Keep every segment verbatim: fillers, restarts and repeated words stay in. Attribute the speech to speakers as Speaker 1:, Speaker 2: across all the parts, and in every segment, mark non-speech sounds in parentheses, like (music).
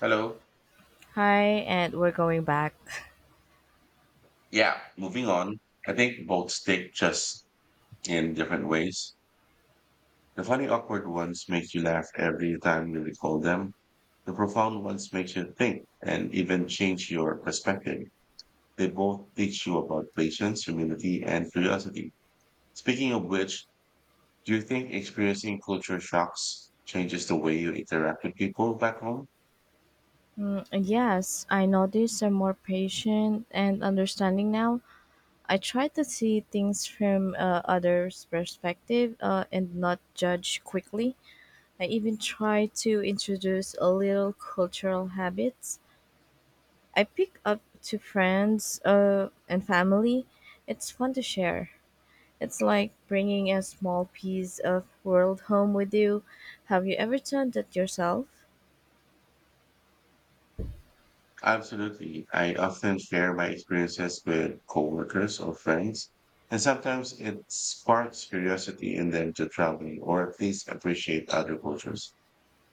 Speaker 1: Hello.
Speaker 2: Hi, and we're going back.
Speaker 1: Yeah, moving on. I think both stick just in different ways. The funny, awkward ones make you laugh every time you recall them. The profound ones make you think and even change your perspective. They both teach you about patience, humility, and curiosity. Speaking of which, do you think experiencing culture shocks changes the way you interact with people back home?
Speaker 2: And yes, I noticed I'm more patient and understanding now. I try to see things from uh, others' perspective uh, and not judge quickly. I even try to introduce a little cultural habits. I pick up to friends uh, and family. It's fun to share. It's like bringing a small piece of world home with you. Have you ever done that yourself?
Speaker 1: Absolutely. I often share my experiences with coworkers or friends, and sometimes it sparks curiosity in them to travel or at least appreciate other cultures.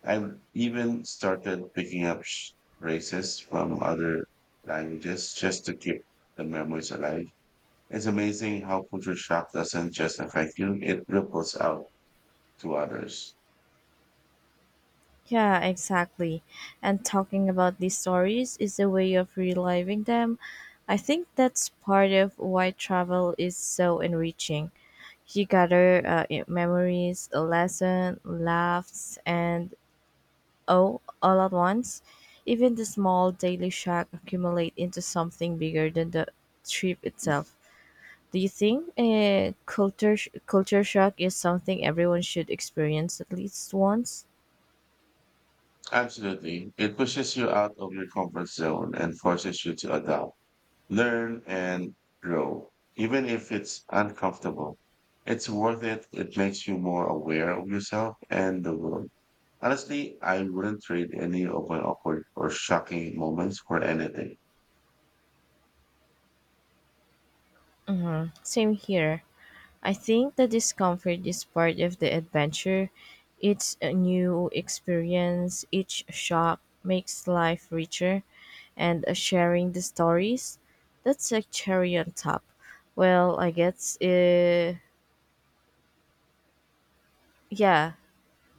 Speaker 1: I've even started picking up sh- phrases from other languages just to keep the memories alive. It's amazing how culture shock doesn't just affect you, it ripples out to others.
Speaker 2: Yeah, exactly. And talking about these stories is a way of reliving them. I think that's part of why travel is so enriching. You gather uh, i- memories, a lesson, laughs, and oh, all at once. Even the small daily shock accumulate into something bigger than the trip itself. Do you think a culture sh- culture shock is something everyone should experience at least once?
Speaker 1: Absolutely. It pushes you out of your comfort zone and forces you to adapt, learn, and grow, even if it's uncomfortable. It's worth it. It makes you more aware of yourself and the world. Honestly, I wouldn't trade any of my awkward or shocking moments for anything.
Speaker 2: Mm-hmm. Same here. I think the discomfort is part of the adventure. It's a new experience. Each shock makes life richer, and uh, sharing the stories, that's a cherry on top. Well, I guess, uh, yeah,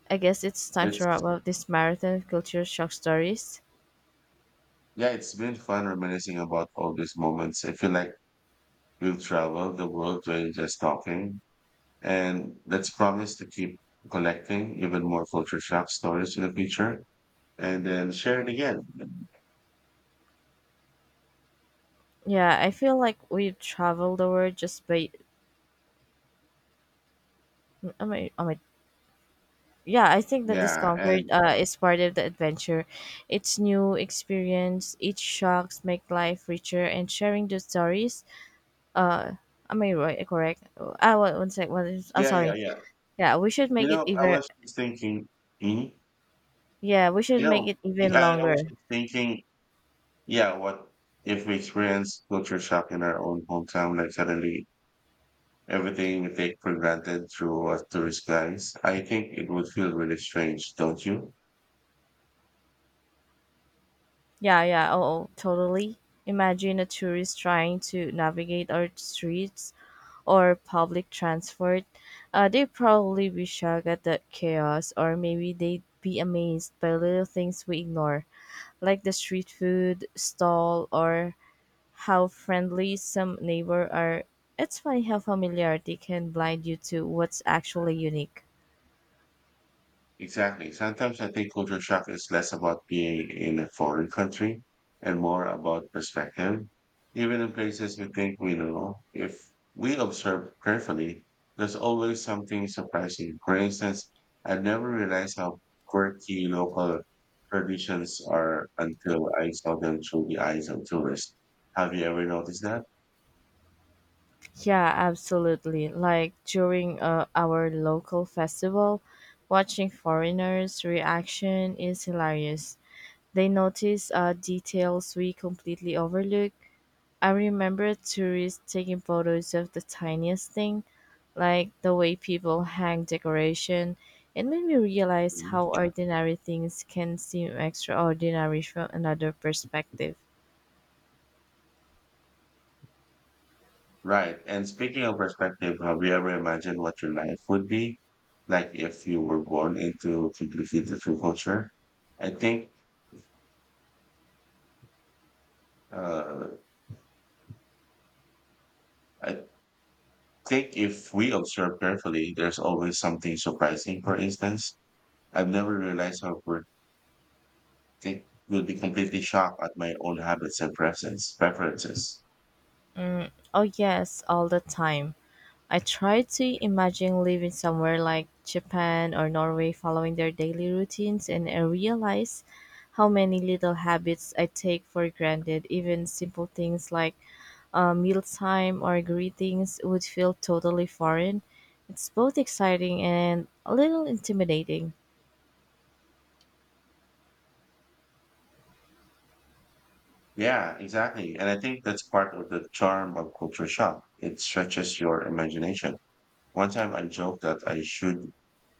Speaker 2: I guess it's time to
Speaker 1: It's
Speaker 2: wrap up this marathon of culture shock stories.
Speaker 1: yeah, it's been fun reminiscing about all these moments. I feel like we will travel the world by just talking. And let's promise to keep collecting even more culture shock stories in the future and then share it again.
Speaker 2: Yeah, I feel like we've traveled the world just by. Oh my! Oh my! Yeah, I think the
Speaker 1: Yeah,
Speaker 2: discomfort
Speaker 1: and
Speaker 2: uh, is part of the adventure. It's new experience. Each shocks make life richer and sharing those stories. Uh am i right correct Ah, uh, one sec, one is- i'm
Speaker 1: yeah, yeah,
Speaker 2: sorry.
Speaker 1: yeah.
Speaker 2: Yeah, we should
Speaker 1: You
Speaker 2: make it
Speaker 1: know, I
Speaker 2: even.
Speaker 1: was just thinking, hmm
Speaker 2: Yeah, we should
Speaker 1: you
Speaker 2: make
Speaker 1: know,
Speaker 2: it even
Speaker 1: I, I was
Speaker 2: longer.
Speaker 1: just thinking, yeah, what if we experience culture shock in our own hometown, like suddenly everything we take for granted through a tourist guys? I think it would feel really strange, don't you?
Speaker 2: Yeah, yeah, oh, oh, totally. Imagine a tourist trying to navigate our streets or public transport. Uh, they'd probably be shocked at the chaos, or maybe they'd be amazed by little things we ignore, like the street food stall, or how friendly some neighbor are. It's funny how familiarity can blind you to what's actually unique.
Speaker 1: Exactly. Sometimes I think culture shock is less about being in a foreign country and more about perspective. Even in places we think we know, if we observe carefully, there's always something surprising. For instance, I never realized how quirky local traditions are until I saw them through the eyes of tourists. Have you ever noticed that?
Speaker 2: Yeah, absolutely. Like during uh, our local festival, watching foreigners' reaction is hilarious. They notice uh, details we completely overlook. I remember tourists taking photos of the tiniest thing, like the way people hang decoration. It made me realize how ordinary things can seem extraordinary from another perspective.
Speaker 1: Right. And speaking of perspective, have you ever imagined what your life would be like if you were born into completely different culture? I think, uh, I think if we observe carefully, there's always something surprising. For instance, I've never realized how we think will be completely shocked at my own habits and preferences. Preferences.
Speaker 2: Oh, yes, all the time. I try to imagine living somewhere like Japan or Norway following their daily routines, and I realize how many little habits I take for granted. Even simple things like uh, mealtime or greetings would feel totally foreign. It's both exciting and a little intimidating.
Speaker 1: Yeah, exactly. And I think that's part of the charm of culture shock. It stretches your imagination. One time I joked that I should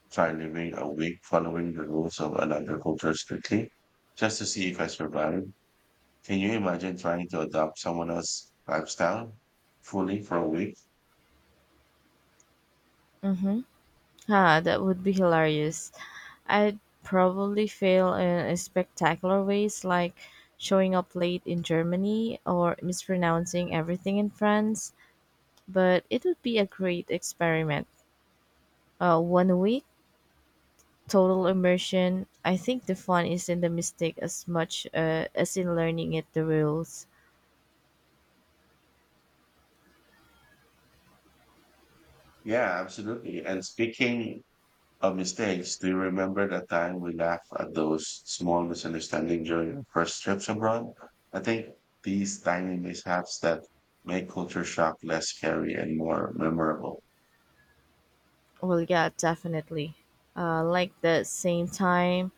Speaker 1: try living a week following the rules of another culture strictly just to see if I survive. Can you imagine trying to adopt someone else's lifestyle fully for a week?
Speaker 2: Mm-hmm. Ah, that would be hilarious. I'd probably fail in spectacular ways, like showing up late in Germany or mispronouncing everything in France, but it would be a great experiment. Uh, one week, total immersion. I think the fun is in the mistake as much uh, as in learning it the rules.
Speaker 1: Yeah, absolutely. And speaking of mistakes, do you remember that time we laughed at those small misunderstandings during our first trips abroad? I think these tiny mishaps that make culture shock less scary and more memorable.
Speaker 2: Well, yeah, definitely. Uh, like the same time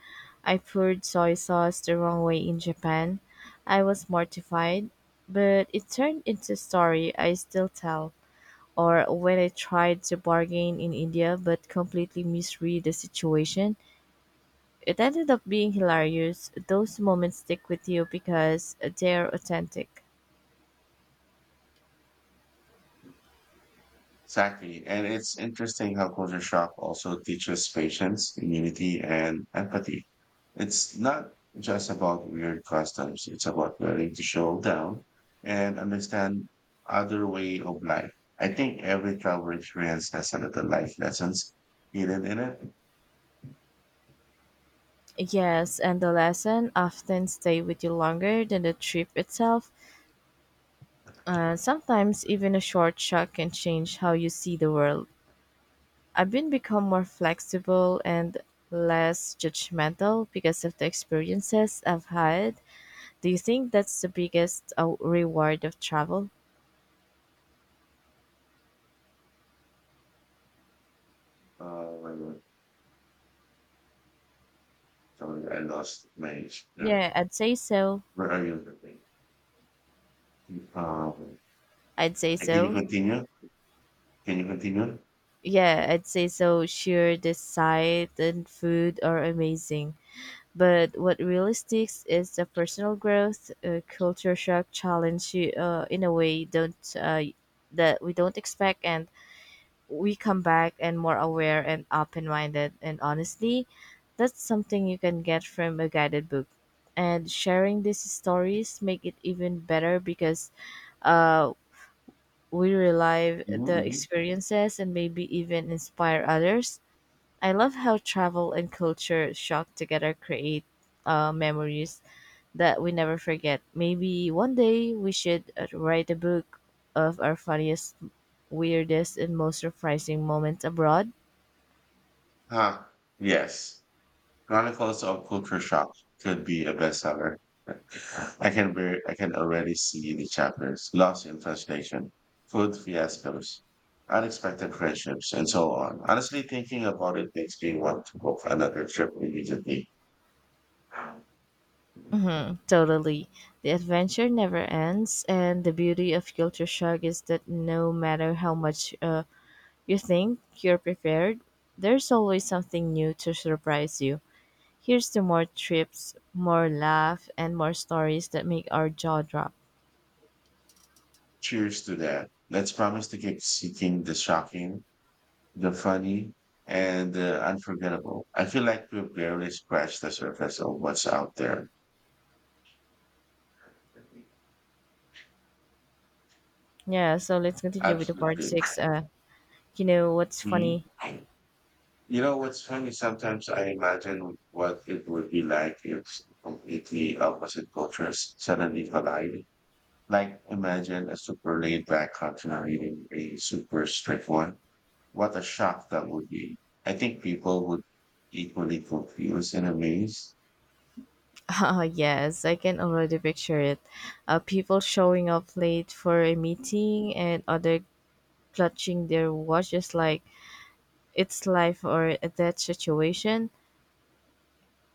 Speaker 2: I poured soy sauce the wrong way in Japan. I was mortified, but it turned into a story I still tell. Or when I tried to bargain in India but completely misread the situation, it ended up being hilarious. Those moments stick with you because they're authentic.
Speaker 1: Exactly. And it's interesting how culture shock also teaches patience, immunity, and empathy. It's not just about weird customs. It's about learning to show down and understand other way of life. I think every travel experience has a little life lessons hidden in it.
Speaker 2: Yes, and the lesson often stay with you longer than the trip itself. Uh, sometimes even a short shock can change how you see the world. I've been become more flexible and less judgmental because of the experiences I've had. Do you think that's the biggest uh, reward of travel?
Speaker 1: Uh, Sorry, I lost my, no,
Speaker 2: Yeah, I'd say so.
Speaker 1: where are you? Um,
Speaker 2: I'd say
Speaker 1: and can you
Speaker 2: so.
Speaker 1: continue? Can you continue?
Speaker 2: Yeah, I'd say so. Sure, the sight and food are amazing, but what really sticks is the personal growth. Uh, culture shock, challenge you uh, in a way don't uh, that we don't expect, and we come back and more aware and open minded. And honestly, that's something you can get from a guided book. And sharing these stories make it even better because uh, we relive the
Speaker 1: Mm-hmm.
Speaker 2: experiences and maybe even inspire others. I love how travel and culture shock together create uh, memories that we never forget. Maybe one day we should uh, write a book of our funniest, weirdest, and most surprising moments abroad.
Speaker 1: Huh. Yes. Chronicles of Culture Shock could be a bestseller. (laughs) I can ver- I can already see the chapters, lost in translation, food fiascos, unexpected friendships, and so on. Honestly, thinking about it makes me want to book another trip immediately.
Speaker 2: Mhm, totally. The adventure never ends, and the beauty of Culture Shock is that no matter how much uh, you think you're prepared, there's always something new to surprise you. Here's to more trips, more laugh, and more stories that make our jaw drop.
Speaker 1: Cheers to that. Let's promise to keep seeking the shocking, the funny, and the unforgettable. I feel like we've barely scratched the surface of what's out there.
Speaker 2: Yeah, so let's continue with the part
Speaker 1: Absolutely.
Speaker 2: six. Uh, you know what's
Speaker 1: Hmm?
Speaker 2: funny?
Speaker 1: You know what's funny? Sometimes I imagine what it would be like if completely opposite cultures suddenly collide. Like imagine a super laid back culture meeting a super strict one. What a shock that would be. I think people would equally confused and amazed.
Speaker 2: (laughs) Ah, yes, I can already picture it. Uh, people showing up late for a meeting, and other clutching their watches like it's life or a death situation.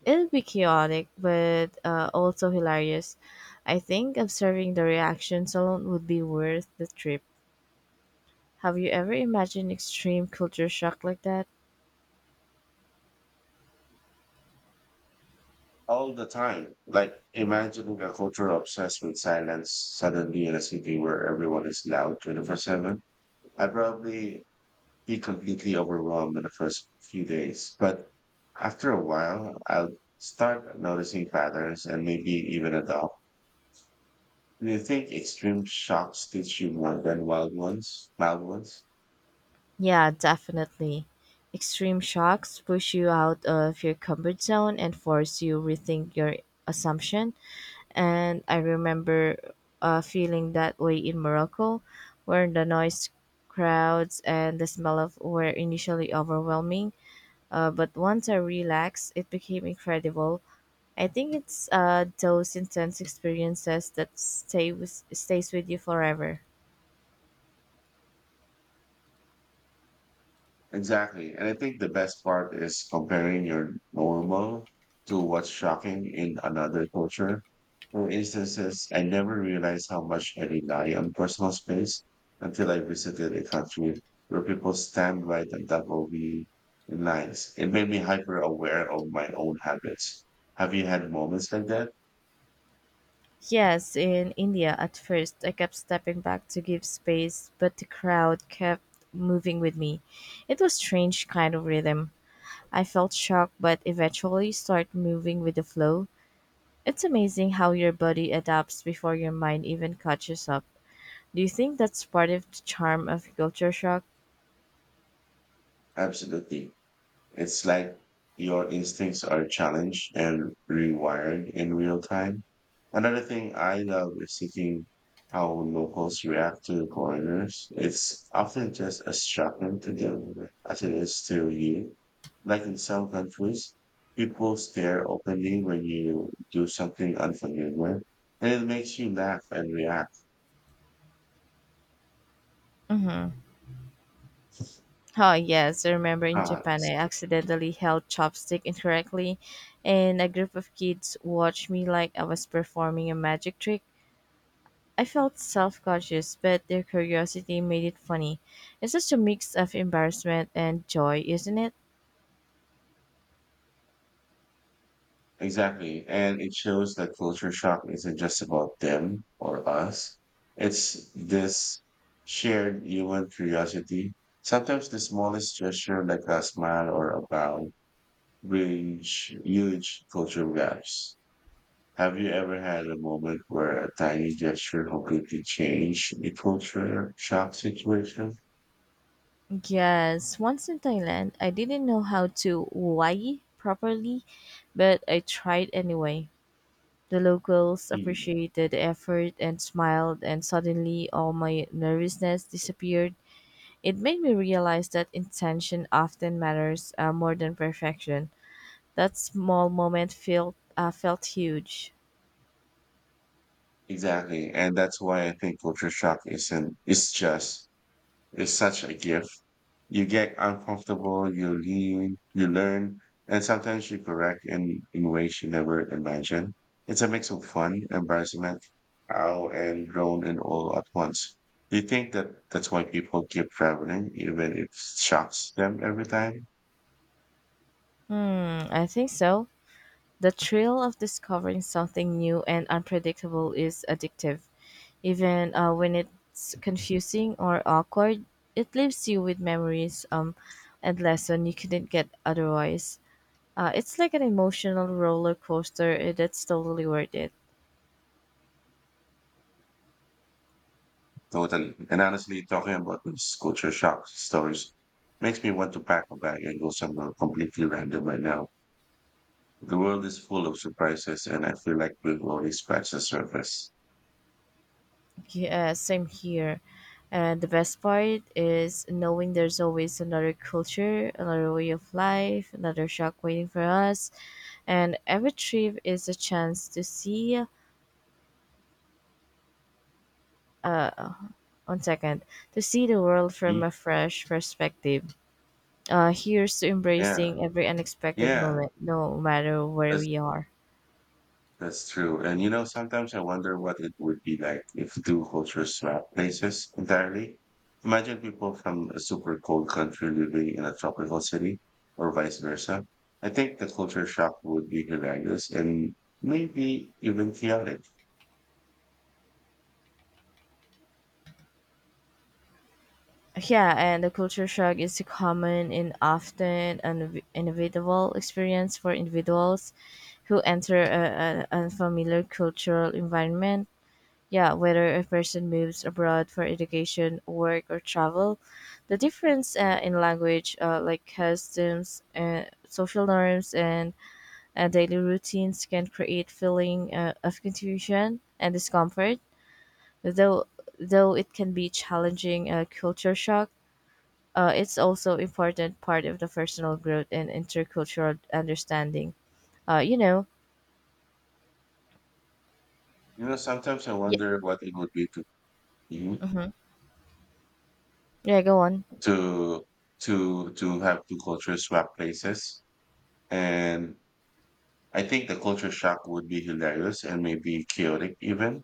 Speaker 1: Yeah.
Speaker 2: It'll be chaotic, but uh, also hilarious. I think observing the reactions alone would be worth the trip. Have you ever imagined extreme culture shock like that?
Speaker 1: All the time. Like imagining a culture obsessed with silence, suddenly in a city where everyone is loud twenty-four seven. I probably be completely overwhelmed in the first few days. But after a while, I'll start noticing patterns and maybe even adopt. Do you think extreme shocks teach you more than wild ones? Mild ones?
Speaker 2: Yeah, definitely. Extreme shocks push you out of your comfort zone and force you rethink your assumption, and I remember uh, feeling that way in Morocco, where the noise, crowds, and the smell of were initially overwhelming. Uh, but once I relaxed, it became incredible. I think it's uh, those intense experiences that stay with, stays with you forever.
Speaker 1: Exactly. And I think the best part is comparing your normal to what's shocking in another culture. For instances, I never realized how much I rely on personal space until I visited a country where people stand right on top of me in lines. It made me hyper aware of my own habits. Have you had moments like that?
Speaker 2: Yes, in India at first, I kept stepping back to give space, but the crowd kept moving with me. It was strange kind of rhythm. I felt shocked but eventually start moving with the flow. It's amazing how your body adapts before your mind even catches up. Do you think that's part of the charm of culture shock?
Speaker 1: Absolutely. It's like your instincts are challenged and rewired in real time. Another thing I love is seeing how locals react to foreigners. It's often just as shocking to them as it is to you. Like in some countries, people stare openly when you do something unfamiliar, and it makes you laugh and react.
Speaker 2: Oh yes, I remember in
Speaker 1: Ah.
Speaker 2: Japan I accidentally held chopstick incorrectly, and a group of kids watched me like I was performing a magic trick. I felt self-conscious, but their curiosity made it funny. It's such a mix of embarrassment and joy, isn't it?
Speaker 1: Exactly. And it shows that culture shock isn't just about them or us. It's this shared human curiosity. Sometimes the smallest gesture, like a smile or a bow, bridge huge cultural gaps. Have you ever had a moment where a tiny gesture completely changed the culture shock situation?
Speaker 2: Yes, once in Thailand, I didn't know how to wai properly, but I tried anyway. The locals
Speaker 1: Mm.
Speaker 2: appreciated the effort and smiled, and suddenly all my nervousness disappeared. It made me realize that intention often matters uh, more than perfection. That small moment felt uh, felt huge.
Speaker 1: Exactly. And that's why I think culture shock isn't, it's just, it's such a gift. You get uncomfortable, you lean, you learn, and sometimes you correct in, in ways you never imagined. It's a mix of fun, embarrassment, ow, and grown and all at once. Do you think that that's why people keep traveling, even if it shocks them every time?
Speaker 2: Hmm, I think so. The thrill of discovering something new and unpredictable is addictive. Even uh, when it's confusing or awkward, it leaves you with memories um, and lesson you couldn't get otherwise. Uh, it's like an emotional roller coaster. uh, That's totally worth it.
Speaker 1: Totally. And honestly, talking about these culture shock stories makes me want to pack a bag and go somewhere completely random right now. The world is full of surprises, and I feel like we've already scratched the surface.
Speaker 2: Yeah, same here. And the best part is knowing there's always another culture, another way of life, another shock waiting for us. And every trip is a chance to see, uh, one second, to see the world from
Speaker 1: Mm.
Speaker 2: a fresh perspective. Uh, here's to
Speaker 1: Yeah.
Speaker 2: embracing every unexpected
Speaker 1: Yeah,
Speaker 2: moment, no matter where
Speaker 1: that's
Speaker 2: we are.
Speaker 1: that's true. And you know, sometimes I wonder what it would be like if two cultures swap places entirely. Imagine people from a super cold country living in a tropical city, or vice versa. I think the culture shock would be hilarious and maybe even chaotic.
Speaker 2: Yeah, and the culture shock is a common and often un- inevitable experience for individuals who enter a an unfamiliar cultural environment. Yeah, whether a person moves abroad for education, work, or travel, the difference uh, in language, uh, like customs, uh, social norms, and Uh, daily routines can create feeling uh, of confusion and discomfort, though though it can be challenging uh, culture shock. Uh, it's also important part of the personal growth and intercultural understanding. Uh, you know,
Speaker 1: You know, sometimes I
Speaker 2: yeah,
Speaker 1: wonder what it would be to you
Speaker 2: hmm, yeah, go on.
Speaker 1: to to to have two cultures swap places. And I think the culture shock would be hilarious and maybe chaotic even.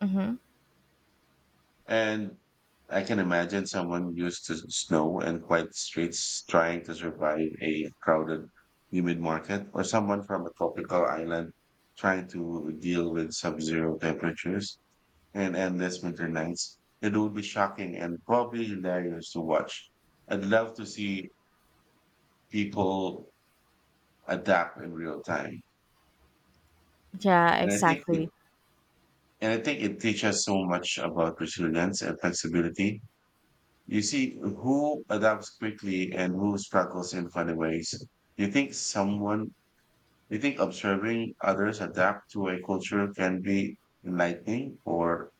Speaker 2: Hmm.
Speaker 1: And I can imagine someone used to snow and quiet streets trying to survive a crowded, humid market, or someone from a tropical island trying to deal with sub zero temperatures and endless winter nights. It would be shocking and probably hilarious to watch. I'd love to see people adapt in real time.
Speaker 2: Yeah,
Speaker 1: And I think it
Speaker 2: exactly.
Speaker 1: and I think it teaches so much about resilience and flexibility. You see who adapts quickly and who struggles in funny ways. You think someone, you think observing others adapt to a culture can be enlightening or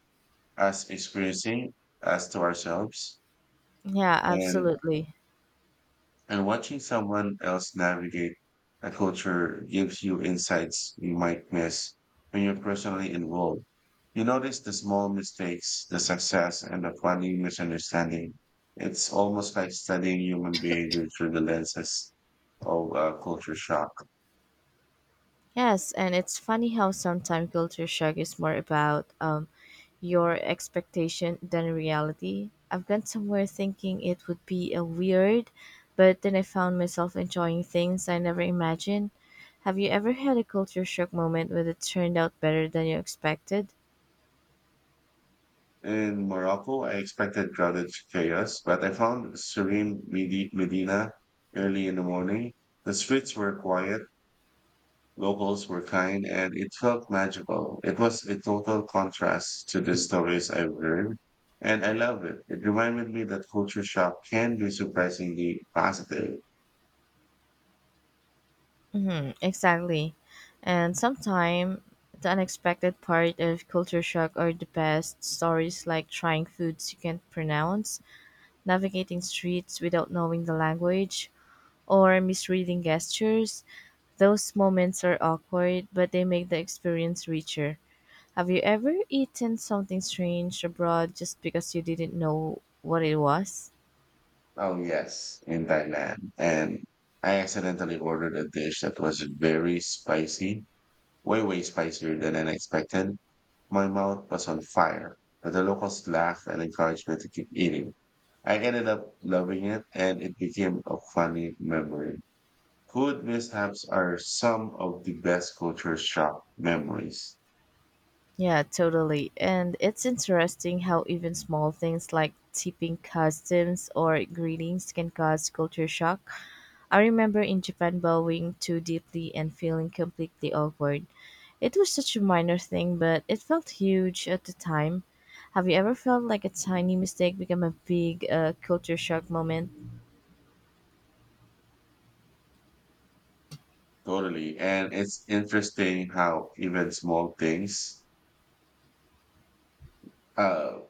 Speaker 1: as experiencing as to ourselves?
Speaker 2: Yeah,
Speaker 1: And
Speaker 2: absolutely.
Speaker 1: And watching someone else navigate a culture gives you insights you might miss when you're personally involved. You notice the small mistakes, the success, and the funny misunderstanding. It's almost like studying human behavior through the lenses of uh, culture shock.
Speaker 2: Yes, and it's funny how sometimes culture shock is more about um, your expectation than reality. I've gone somewhere thinking it would be a weird, but then I found myself enjoying things I never imagined. Have you ever had a culture shock moment where it turned out better than you expected?
Speaker 1: In Morocco, I expected crowded chaos, but I found serene Medi- Medina early in the morning. The streets were quiet, locals were kind and it felt magical. It was a total contrast to the stories I've heard. And I loved it. It reminded me that culture shock can be surprisingly positive.
Speaker 2: Mm-hmm, exactly. And sometimes the unexpected part of culture shock are the best stories, like trying foods you can't pronounce, navigating streets without knowing the language, or misreading gestures. Those moments are awkward, but they make the experience richer. Have you ever eaten something strange abroad just because you didn't know what it was?
Speaker 1: Oh yes, in Thailand. And I accidentally ordered a dish that was very spicy, way, way spicier than I expected. My mouth was on fire, but the locals laughed and encouraged me to keep eating. I ended up loving it and it became a funny memory. Food mishaps are some of the best culture shock memories.
Speaker 2: Yeah, totally. And it's interesting how even small things like tipping customs or greetings can cause culture shock. I remember in Japan bowing too deeply and feeling completely awkward. It was such a minor thing, but it felt huge at the time. Have you ever felt like a tiny mistake became a big uh, culture shock moment?
Speaker 1: Totally. And it's interesting how even small things, uh,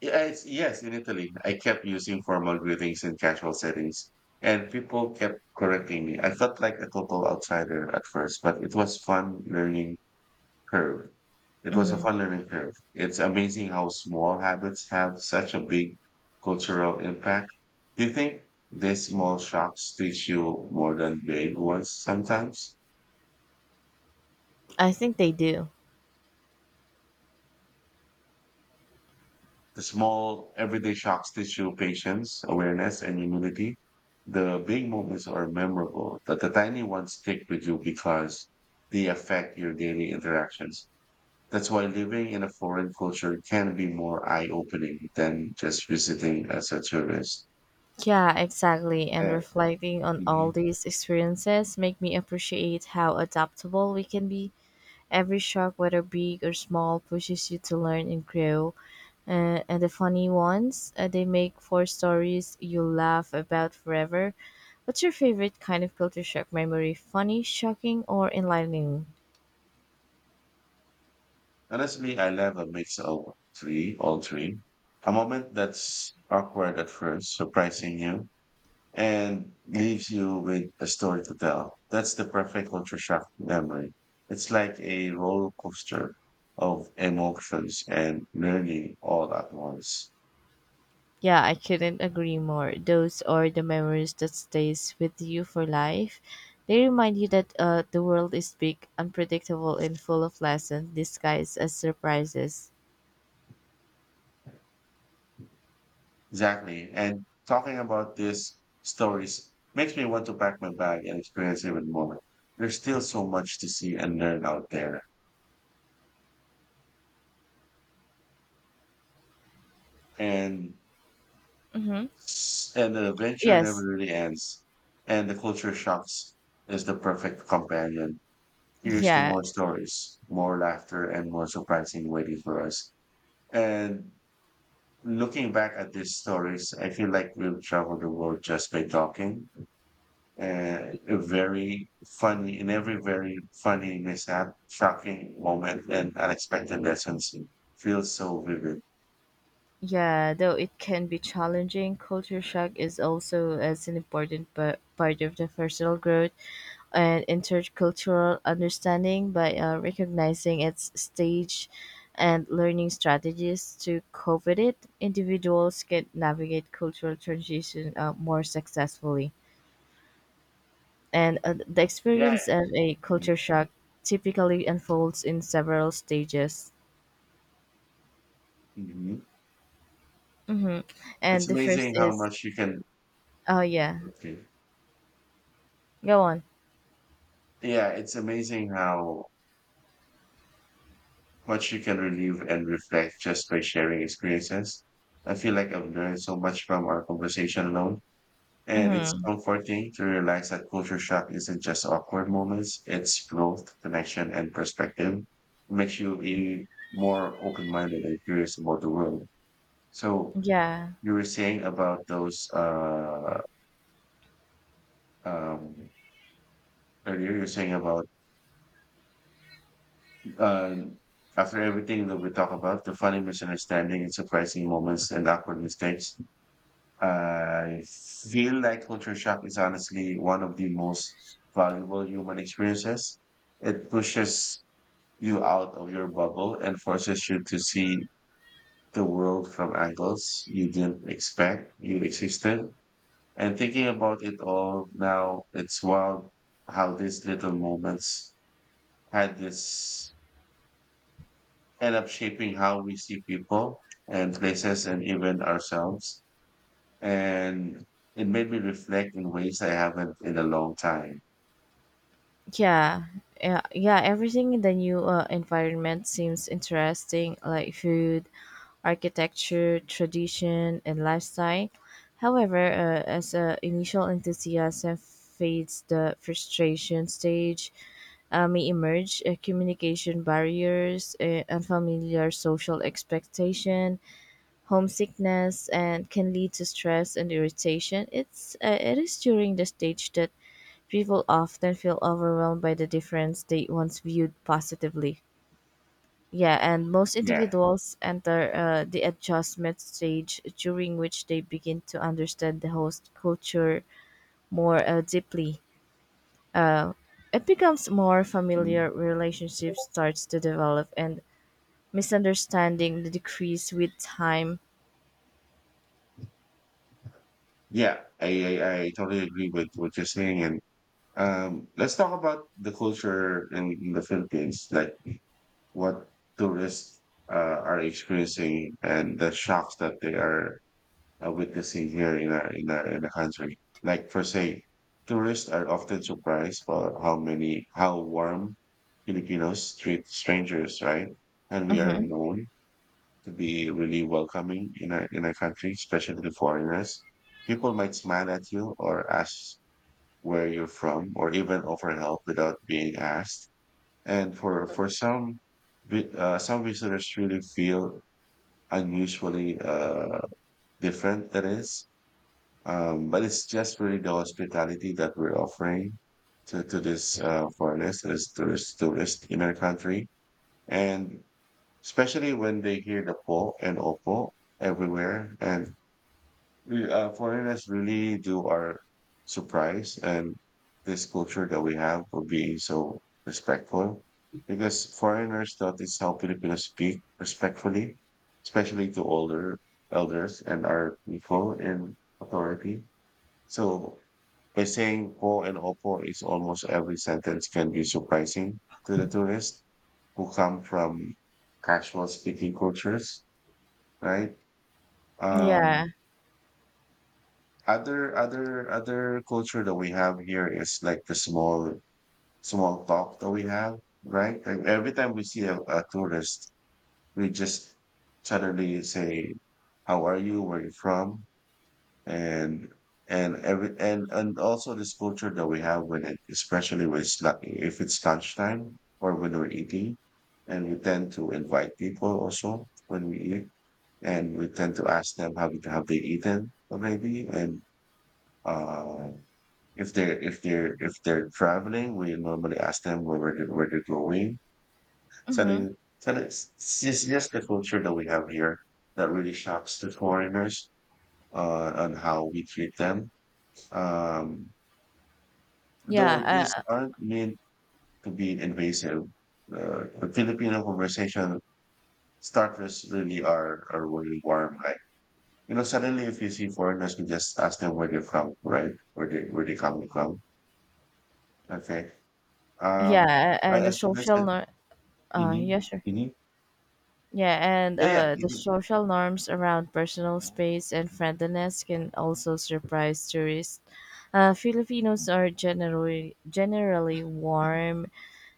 Speaker 1: yeah, it's, yes, in Italy, I kept using formal greetings in casual settings and people kept correcting me. I felt like a total outsider at first, but it was fun learning curve. It was a
Speaker 2: Hmm,
Speaker 1: fun learning curve. It's amazing how small habits have such a big cultural impact. Do you think these small shocks teach you more than big ones sometimes?
Speaker 2: I think they do.
Speaker 1: The small everyday shocks teach you patience, awareness, and humility. The big moments are memorable, but the tiny ones stick with you because they affect your daily interactions. That's why living in a foreign culture can be more eye opening than just visiting as a tourist.
Speaker 2: Yeah, exactly. And
Speaker 1: Yeah.
Speaker 2: reflecting on all
Speaker 1: Mhm.
Speaker 2: these experiences make me appreciate how adaptable we can be. Every shock, whether big or small, pushes you to learn and grow. Uh, and the funny ones, uh, they make for stories you'll laugh about forever. What's your favorite kind of culture shock memory? Funny, shocking, or enlightening?
Speaker 1: Honestly, I love a mix of three, all three. A moment that's awkward at first, surprising you, and leaves you with a story to tell. That's the perfect culture shock memory. It's like a roller coaster of emotions and learning all at once.
Speaker 2: Yeah, I couldn't agree more. Those are the memories that stays with you for life. They remind you that uh, the world is big, unpredictable, and full of lessons disguised as surprises.
Speaker 1: Exactly. And talking about these stories makes me want to pack my bag and experience even more. There's still so much to see and learn out there. And
Speaker 2: Mm-hmm.
Speaker 1: And the adventure never
Speaker 2: Yes.
Speaker 1: really ends. And the culture shocks is the perfect companion.
Speaker 2: (laughs)
Speaker 1: Here's to
Speaker 2: Yeah.
Speaker 1: more stories, more laughter, and more surprising waiting for us. And looking back at these stories, I feel like we've traveled the world just by talking. Uh, a very funny, in every very funny mishap, shocking moment, and unexpected lessons feels so vivid.
Speaker 2: Yeah, though it can be challenging, culture shock is also as an important pa- part of the personal growth and intercultural understanding by uh, recognizing its stage and learning strategies to cope with it. Individuals can navigate cultural transition uh, more successfully. And uh, the
Speaker 1: Yeah.
Speaker 2: experience of a culture shock typically unfolds in several stages.
Speaker 1: Mhm.
Speaker 2: Mm-hmm. And
Speaker 1: It's
Speaker 2: the first
Speaker 1: amazing how
Speaker 2: is,
Speaker 1: much you can.
Speaker 2: oh yeah,
Speaker 1: Okay.
Speaker 2: go on.
Speaker 1: Yeah, it's amazing how much you can relieve and reflect just by sharing experiences. I feel like I've learned so much from our conversation alone, and it's
Speaker 2: Mm-hmm.
Speaker 1: comforting to realize that culture shock isn't just awkward moments, it's growth, connection, and perspective. It makes you be more open-minded and curious about the world. So
Speaker 2: Yeah,
Speaker 1: you were saying about those uh um earlier you were saying about Um, After everything that we talk about, the funny misunderstanding and surprising moments and awkward mistakes, I feel like culture shock is honestly one of the most valuable human experiences. It pushes you out of your bubble and forces you to see the world from angles you didn't expect you existed. And thinking about it all now, it's wild how these little moments had this end up shaping how we see people and places and even ourselves. And it made me reflect in ways I haven't in a long time.
Speaker 2: yeah, yeah, yeah. Everything in the new uh, environment seems interesting, like food, architecture, tradition, and lifestyle. However, uh, as uh, initial enthusiasm fades, the frustration stage uh, may emerge. Uh, communication barriers, uh, unfamiliar social expectation, homesickness, and can lead to stress and irritation. It's uh, it is during the stage that People often feel overwhelmed by the difference they once viewed positively. Yeah, and most
Speaker 1: Yeah.
Speaker 2: individuals enter uh, the adjustment stage during which they begin to understand the host culture more uh, deeply. Uh, it becomes more familiar,
Speaker 1: Mhm.
Speaker 2: relationship starts to develop, and misunderstanding decrease with time.
Speaker 1: Yeah. I, I, I totally agree with what you're saying. And um, let's talk about the culture in, in the Philippines, like what tourists uh, are experiencing and the shocks that they are uh, witnessing here in our in our in the country. Like for say, tourists are often surprised for how many how warm Filipinos treat strangers, right? And we are
Speaker 2: Mm-hmm.
Speaker 1: known to be really welcoming in our in our country, especially to foreigners. People might smile at you or ask where you're from or even offer help without being asked. And for for some vi- uh, some visitors really feel unusually uh, different that is um, but it's just really the hospitality that we're offering to, to this uh, foreigners, to this tourist, tourist in our country. And especially when they hear the po and opo everywhere. And we, uh, foreigners really do are surprised and this culture that we have for being so respectful because foreigners thought it's how Filipinos speak respectfully, especially to older elders and our people in authority. So by saying po and opo is almost every sentence can be surprising to the tourists who come from casual speaking cultures, right? Um,
Speaker 2: Yeah.
Speaker 1: other other other culture that we have here is like the small small talk that we have, right? Like every time we see a, a tourist, we just suddenly say, "How are you? Where are you from?" and and every and and also this culture that we have with it, especially when it's not, if it's lunchtime or when we're eating, and we tend to invite people also when we eat, and we tend to ask them have have they eaten maybe, and uh, if they're if they're if they're traveling, we normally ask them where where they're, where they're going. So,
Speaker 2: Mm-hmm.
Speaker 1: they, so it's, it's just just the culture that we have here that really shocks the foreigners uh, on how we treat them um, though
Speaker 2: Yeah.
Speaker 1: these
Speaker 2: Uh,
Speaker 1: aren't meant to be invasive, uh, the Filipino conversation starters really are, are really warm. Like, you know, suddenly if you see foreigners, you just ask them where they're from, right? Where they, where they come from. Okay. Um,
Speaker 2: yeah.
Speaker 1: right,
Speaker 2: And the
Speaker 1: as you
Speaker 2: social.
Speaker 1: mentioned,
Speaker 2: Nor- uh,
Speaker 1: mm-hmm,
Speaker 2: yeah, sure.
Speaker 1: mm-hmm.
Speaker 2: Yeah, and
Speaker 1: Yeah,
Speaker 2: uh,
Speaker 1: yeah.
Speaker 2: the social norms around personal space and friendliness can also surprise tourists. Uh, Filipinos are generally generally warm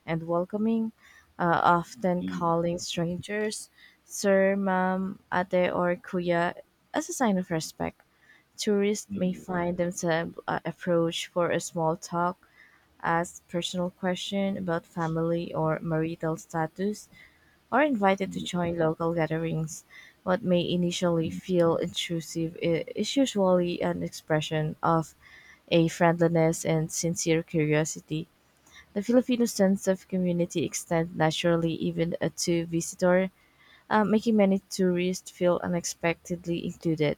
Speaker 2: and welcoming, uh, often
Speaker 1: Mhm,
Speaker 2: calling strangers sir, ma'am, ate, or kuya as a sign of respect. Tourists may
Speaker 1: mhm,
Speaker 2: find themselves uh, approached for a small talk, ask personal question about family or marital status, or invited to
Speaker 1: mhm,
Speaker 2: join local gatherings. What may initially
Speaker 1: mhm.
Speaker 2: feel intrusive i- is usually an expression of a friendliness and sincere curiosity. The Filipino sense of community extends naturally even uh, to visitor, uh, making many tourists feel unexpectedly included.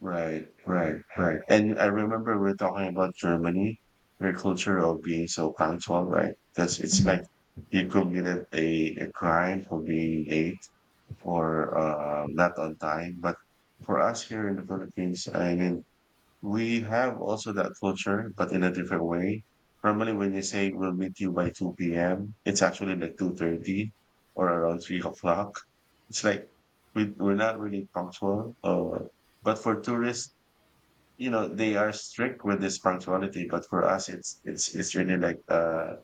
Speaker 1: Right, right, right. And I remember we're talking about Germany, their culture of being so punctual, right? Because it's
Speaker 2: Mhm.
Speaker 1: like you committed a, a crime for being late or uh, not on time. But for us here in the Philippines, I mean, we have also that culture, but in a different way. Normally, when you say we'll meet you by two p m, it's actually like two thirty or around three o'clock. It's like we, we're not really punctual. Uh, but for tourists, you know, they are strict with this punctuality. But for us, it's it's it's really like uh,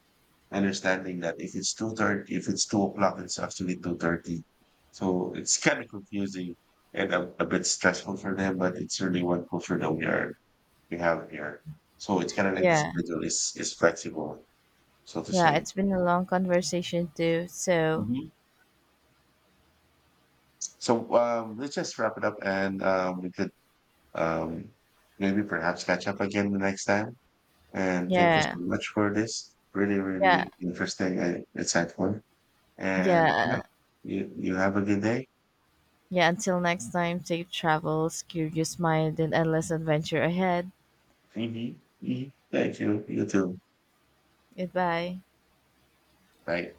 Speaker 1: understanding that if it's two thirty, if it's two o'clock, it's actually two thirty. So it's kind of confusing and a, a bit stressful for them, but it's really one culture that we are we have here. So it's kind of like the
Speaker 2: Yeah,
Speaker 1: schedule is is flexible, so to
Speaker 2: yeah,
Speaker 1: say.
Speaker 2: it's been a long conversation too. So,
Speaker 1: Mhm. So um, let's just wrap it up, and um, we could um, maybe perhaps catch up again the next time. And thank you
Speaker 2: yeah,
Speaker 1: so much for this. Really,
Speaker 2: yeah,
Speaker 1: really interesting and insightful. And yeah,
Speaker 2: yeah.
Speaker 1: you you have a good day.
Speaker 2: Yeah, until next time, safe travels, curious mind, and endless adventure ahead.
Speaker 1: Mhm. Mhm. Thank you. You too.
Speaker 2: Goodbye.
Speaker 1: Bye.